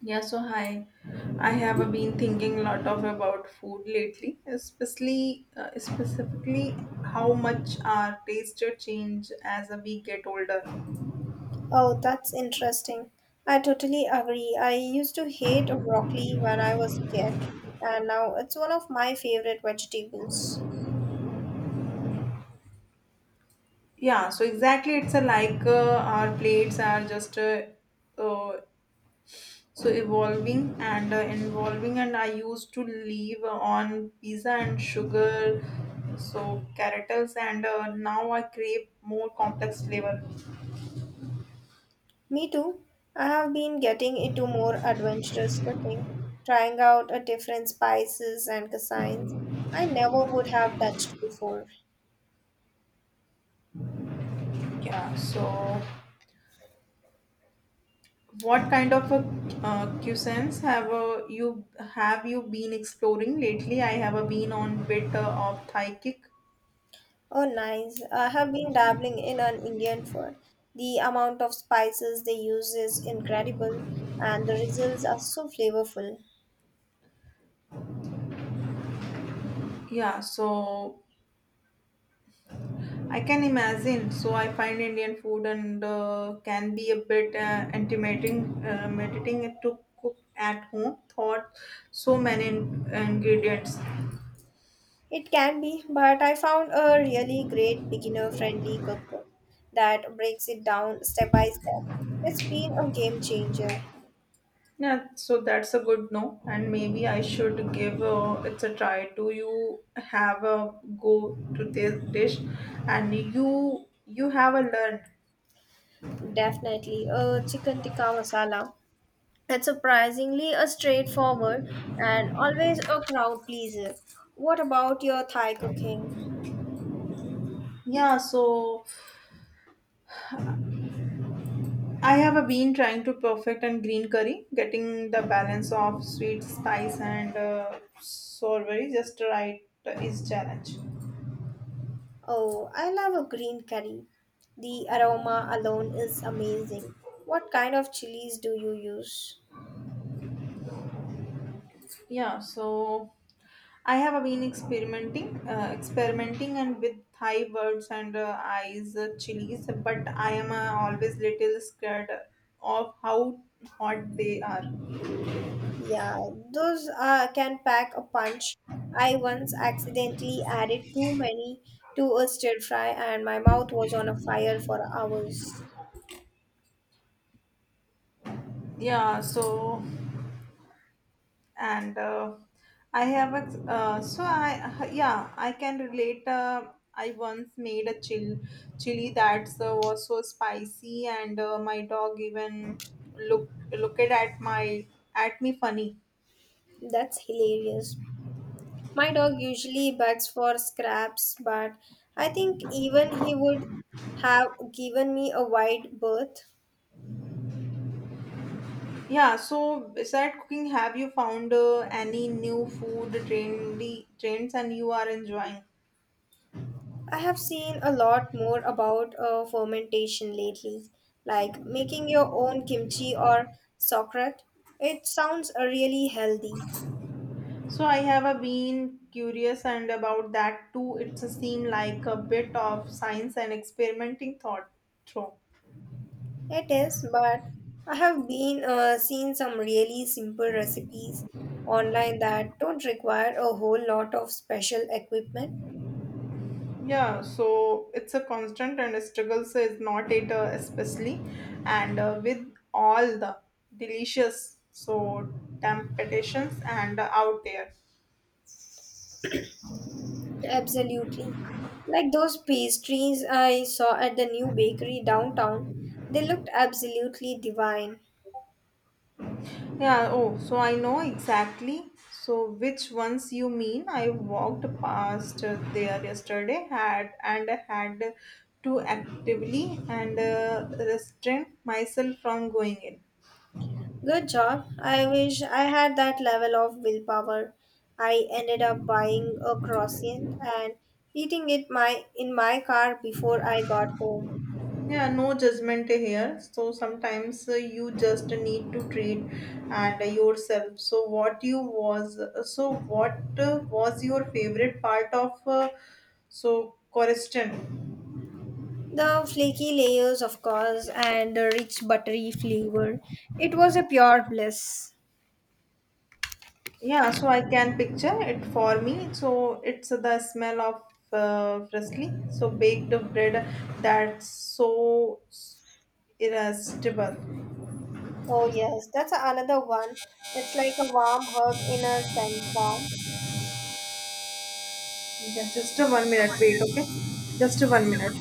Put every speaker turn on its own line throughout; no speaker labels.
Yeah, so hi. I have been thinking a lot of about food lately, especially specifically how much our taste change as we get older.
Oh, that's interesting. I totally agree. I used to hate broccoli when I was a kid, and now it's one of my favorite vegetables.
Yeah, so exactly, it's a like our plates are just uh, so evolving. And I used to live on pizza and sugar, so carrots, and now I crave more complex flavor.
Me too. I have been getting into more adventurous cooking, trying out a different spices and cuisines I never would have touched before.
Yeah, so. What kind of a cuisines have you been exploring lately? I have been on bit of Thai kick.
Oh, nice. I have been dabbling in an Indian food. The amount of spices they use is incredible, and the results are so flavorful.
Yeah, so I can imagine. So I find Indian food and can be a bit intimidating, meditating to cook at home. Thought so many ingredients.
It can be, but I found a really great beginner friendly cookbook that breaks it down step by step. It's been a game changer.
Yeah, so that's a good no, and maybe I should give it's a try. Do you have a go to this dish, and you have a learned?
Definitely a chicken tikka masala. It's surprisingly a straightforward and always a crowd pleaser. What about your Thai cooking?
Yeah, so I have a been trying to perfect and green curry, getting the balance of sweet, spice, and sour very just right is challenge.
Oh, I love a green curry. The aroma alone is amazing. What kind of chilies do you use?
Yeah, so I have been experimenting, and with Thai birds and eyes chilies, but I am always little scared of how hot they are.
Yeah, those can pack a punch. I once accidentally added too many to a stir fry, and my mouth was on a fire for hours.
Yeah. So and I have a so I yeah I can relate. I once made a chill chili that was so spicy, and my dog even looked at my at me funny.
That's hilarious. My dog usually begs for scraps, but I think even he would have given me a wide berth.
Yeah, so beside cooking, have you found any new food trendy trends and you are enjoying?
I have seen a lot more about fermentation lately, like making your own kimchi or sauerkraut. It sounds really healthy.
So I have been curious and about that too. It's a seem like a bit of science and experimenting thought through.
It is, but I have been seen some really simple recipes online that don't require a whole lot of special equipment.
Yeah, so it's a constant and a struggle. So it's not it especially, and with all the delicious so temptations and out there.
Absolutely. Like those pastries I saw at the new bakery downtown, they looked absolutely divine.
Yeah, oh, so I know exactly. So which ones you mean? I walked past there yesterday had to actively and restrain myself from going in.
Good job. I wish I had that level of willpower. I ended up buying a croissant and eating it my in my car before I got home.
Yeah, no judgment here. So sometimes you just need to treat and yourself. So what was your favorite part of question?
The flaky layers, of course, and the rich buttery flavor. It was a pure bliss.
Yeah, so I can picture it for me. So it's the smell of freshly so baked bread that's so irresistible.
Oh, yes, that's another one. It's like a warm hug in a scent form.
Yeah, just a 1 minute. Wait, okay? Just a 1 minute.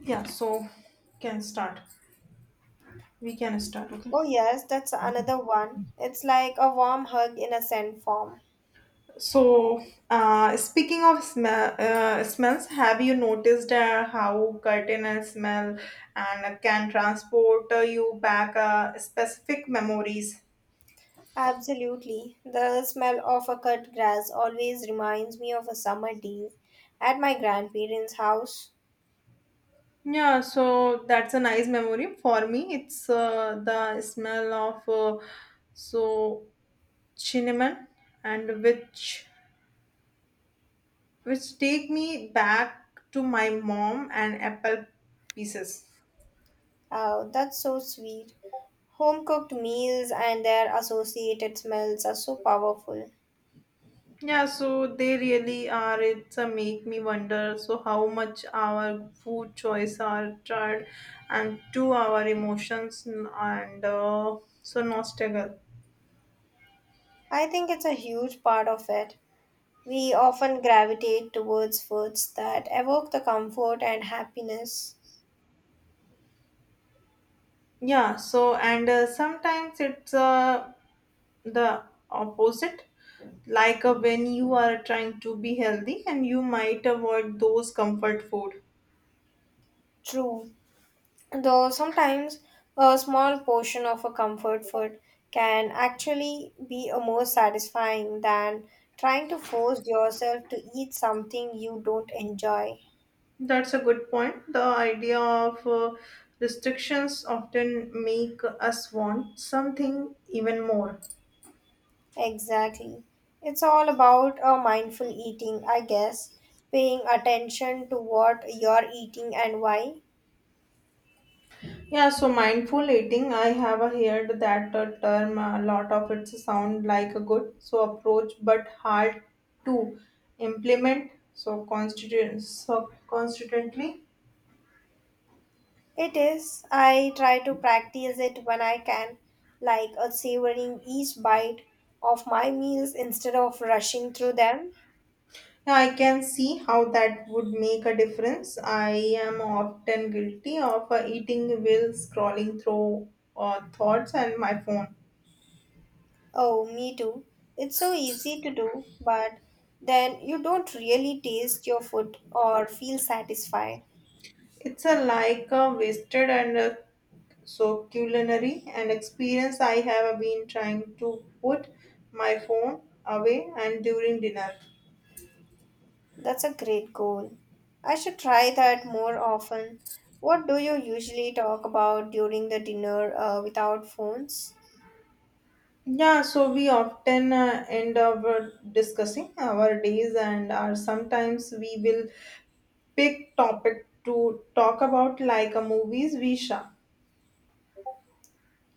Yeah, so can start. We can start, okay?
Oh, yes, that's another one. It's like a warm hug in a scent form.
So, speaking of smells, have you noticed how curtain and smell and can transport you back specific memories?
Absolutely. The smell of a cut grass always reminds me of a summer day at my grandparents' house.
Yeah, so that's a nice memory for me. It's the smell of so cinnamon and which take me back to my mom and apple pieces.
Oh, that's so sweet. Home cooked meals and their associated smells are so powerful.
Yeah, so they really are. It's a make me wonder. So how much our food choice are tried and to our emotions and so nostalgia.
I think it's a huge part of it. We often gravitate towards foods that evoke the comfort and happiness.
Yeah, so and sometimes it's the opposite like when you are trying to be healthy and you might avoid those comfort food.
True, though sometimes a small portion of a comfort food can actually be a more satisfying than trying to force yourself to eat something you don't enjoy.
That's a good point. The idea of restrictions often make us want something even more.
Exactly. It's all about a mindful eating, I guess, paying attention to what you're eating and why.
Yeah, so mindful eating, I have heard that term a lot of it sound like a good so approach but hard to implement so constantly.
It is. I try to practice it when I can, like a savoring each bite of my meals instead of rushing through them.
Yeah, I can see how that would make a difference. I am often guilty of eating while scrolling through thoughts and my phone.
Oh, me too. It's so easy to do, but then you don't really taste your food or feel satisfied.
It's a like a wasted and so culinary and experience. I have been trying to put my phone away and during dinner.
That's a great goal. I should try that more often. What do you usually talk about during the dinner without phones?
Yeah, so we often end up discussing our days, and are sometimes we will big topic to talk about like a movies visa.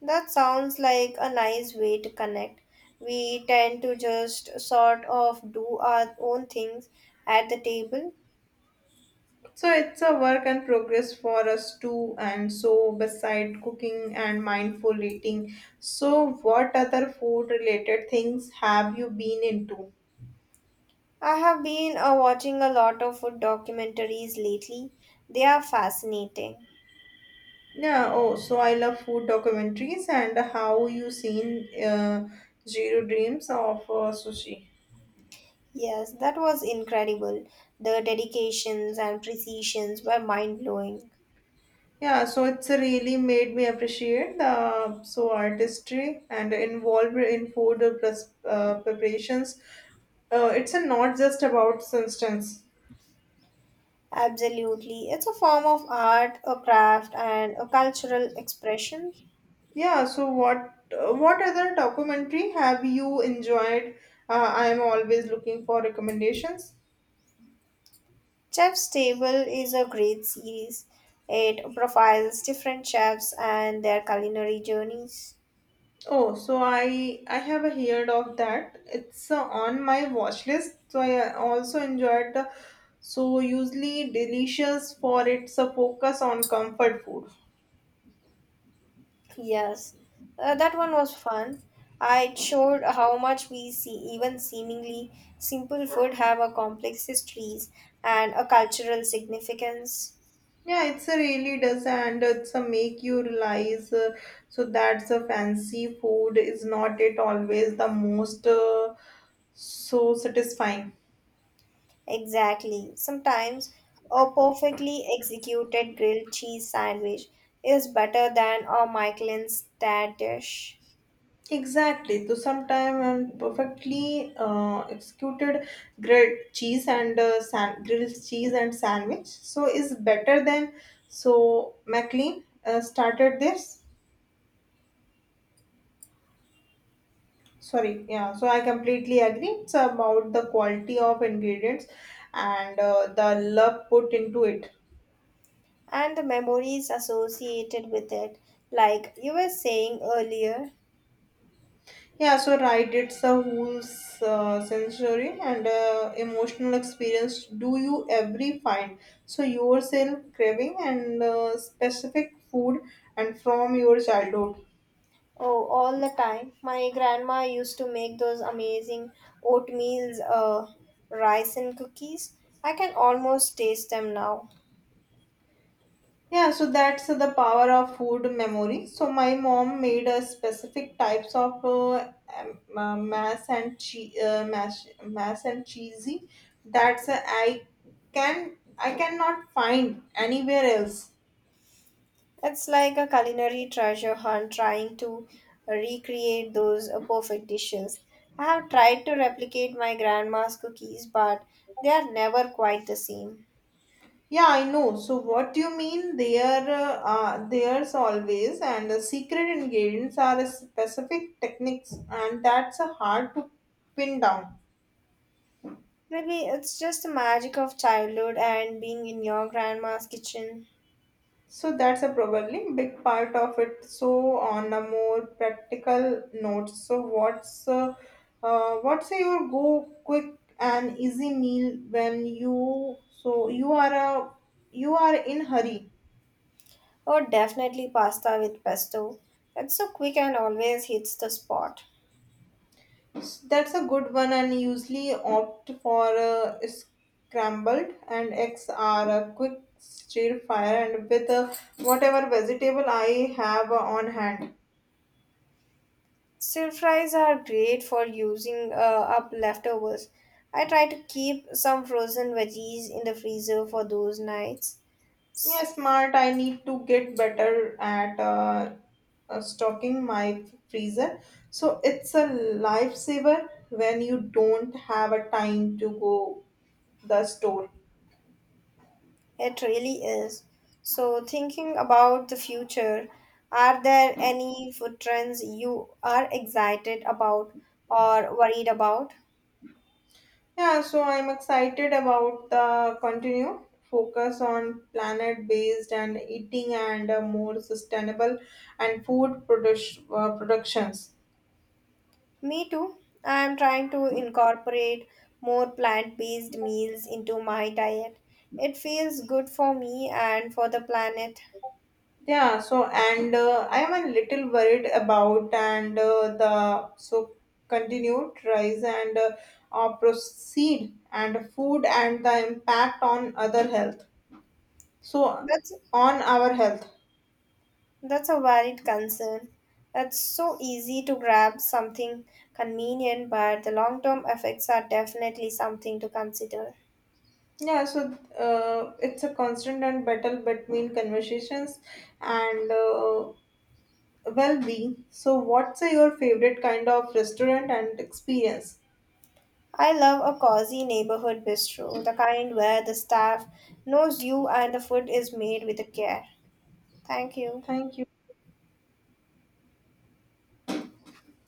That sounds like a nice way to connect. We tend to just sort of do our own things at the table.
So it's a work and progress for us too, and so beside cooking and mindful eating. So what other food related things have you been into?
I have been watching a lot of food documentaries lately. They are fascinating.
Yeah, oh, so I love food documentaries and how you seen Zero Dreams of Sushi.
Yes, that was incredible. The dedications and precisions were mind blowing.
Yeah, so it's really made me appreciate the so artistry and involved in food preparations. It's not just about substance.
Absolutely. It's a form of art, a craft, and a cultural expression.
Yeah, so what other documentary have you enjoyed? I am always looking for recommendations.
Chef's Table is a great series. It profiles different chefs and their culinary journeys.
Oh, so I have heard of that. It's on my watch list. So I also enjoyed the so usually delicious for its focus on comfort food.
Yes, that one was fun. It showed how much we see, even seemingly simple food, have a complex histories and a cultural significance.
Yeah, it's a really does, and it's a make you realize. So that's a fancy food is not it always the most so satisfying.
Exactly. Sometimes a perfectly executed grilled cheese sandwich is better than a Michelin's dad dish.
Exactly. So sometime and perfectly executed grilled cheese and sandwich. So is better than so McLean started this. Sorry, yeah, so I completely agree. It's about the quality of ingredients and the love put into it.
And the memories associated with it, like you were saying earlier,
Yeah, so right, it's a whole sensory and emotional experience. Do you every find so yourself craving and specific food and from your childhood?
oh, all the time. My grandma used to make those amazing oatmeal rice and cookies. I can almost taste them now.
Yeah, so that's the power of food memory. So my mom made a specific types of mass and cheese, mass and cheesy. That's I cannot find anywhere else.
It's like a culinary treasure hunt trying to recreate those perfect dishes. I have tried to replicate my grandma's cookies, but they are never quite the same.
Yeah, I know. So what you mean? There's always and the secret ingredients are specific techniques, and that's hard to pin down.
Maybe it's just the magic of childhood and being in your grandma's kitchen.
So that's a probably big part of it. So on a more practical note, so what's your go quick and easy meal when you are a you are in hurry.
Or definitely pasta with pesto. It's so quick and always hits the spot.
So that's a good one and usually opt for scrambled and eggs are a quick stir fire and with whatever vegetable I have on hand.
Stir fries are great for using up leftovers. I try to keep some frozen veggies in the freezer for those nights.
Yeah, smart. I need to get better at stocking my freezer. So it's a lifesaver when you don't have a time to go the store.
It really is. So, thinking about the future, are there any food trends you are excited about or worried about?
Yeah, so I'm excited about the continue focus on planet based and eating and more sustainable and food productions.
Me too. I am trying to incorporate more plant based meals into my diet. It feels good for me and for the planet.
Yeah, so and I am a little worried about and the so continued rise and proceed and food and the impact on other health. So
That's
on our health.
that's a valid concern. It's so easy to grab something convenient, but the long term effects are definitely something to consider.
Yeah, so it's a constant and battle between conversations and well-being. So what's your favorite kind of restaurant and experience?
I love a cozy neighborhood bistro, the kind where the staff knows you and the food is made with care. Thank you.
Thank you.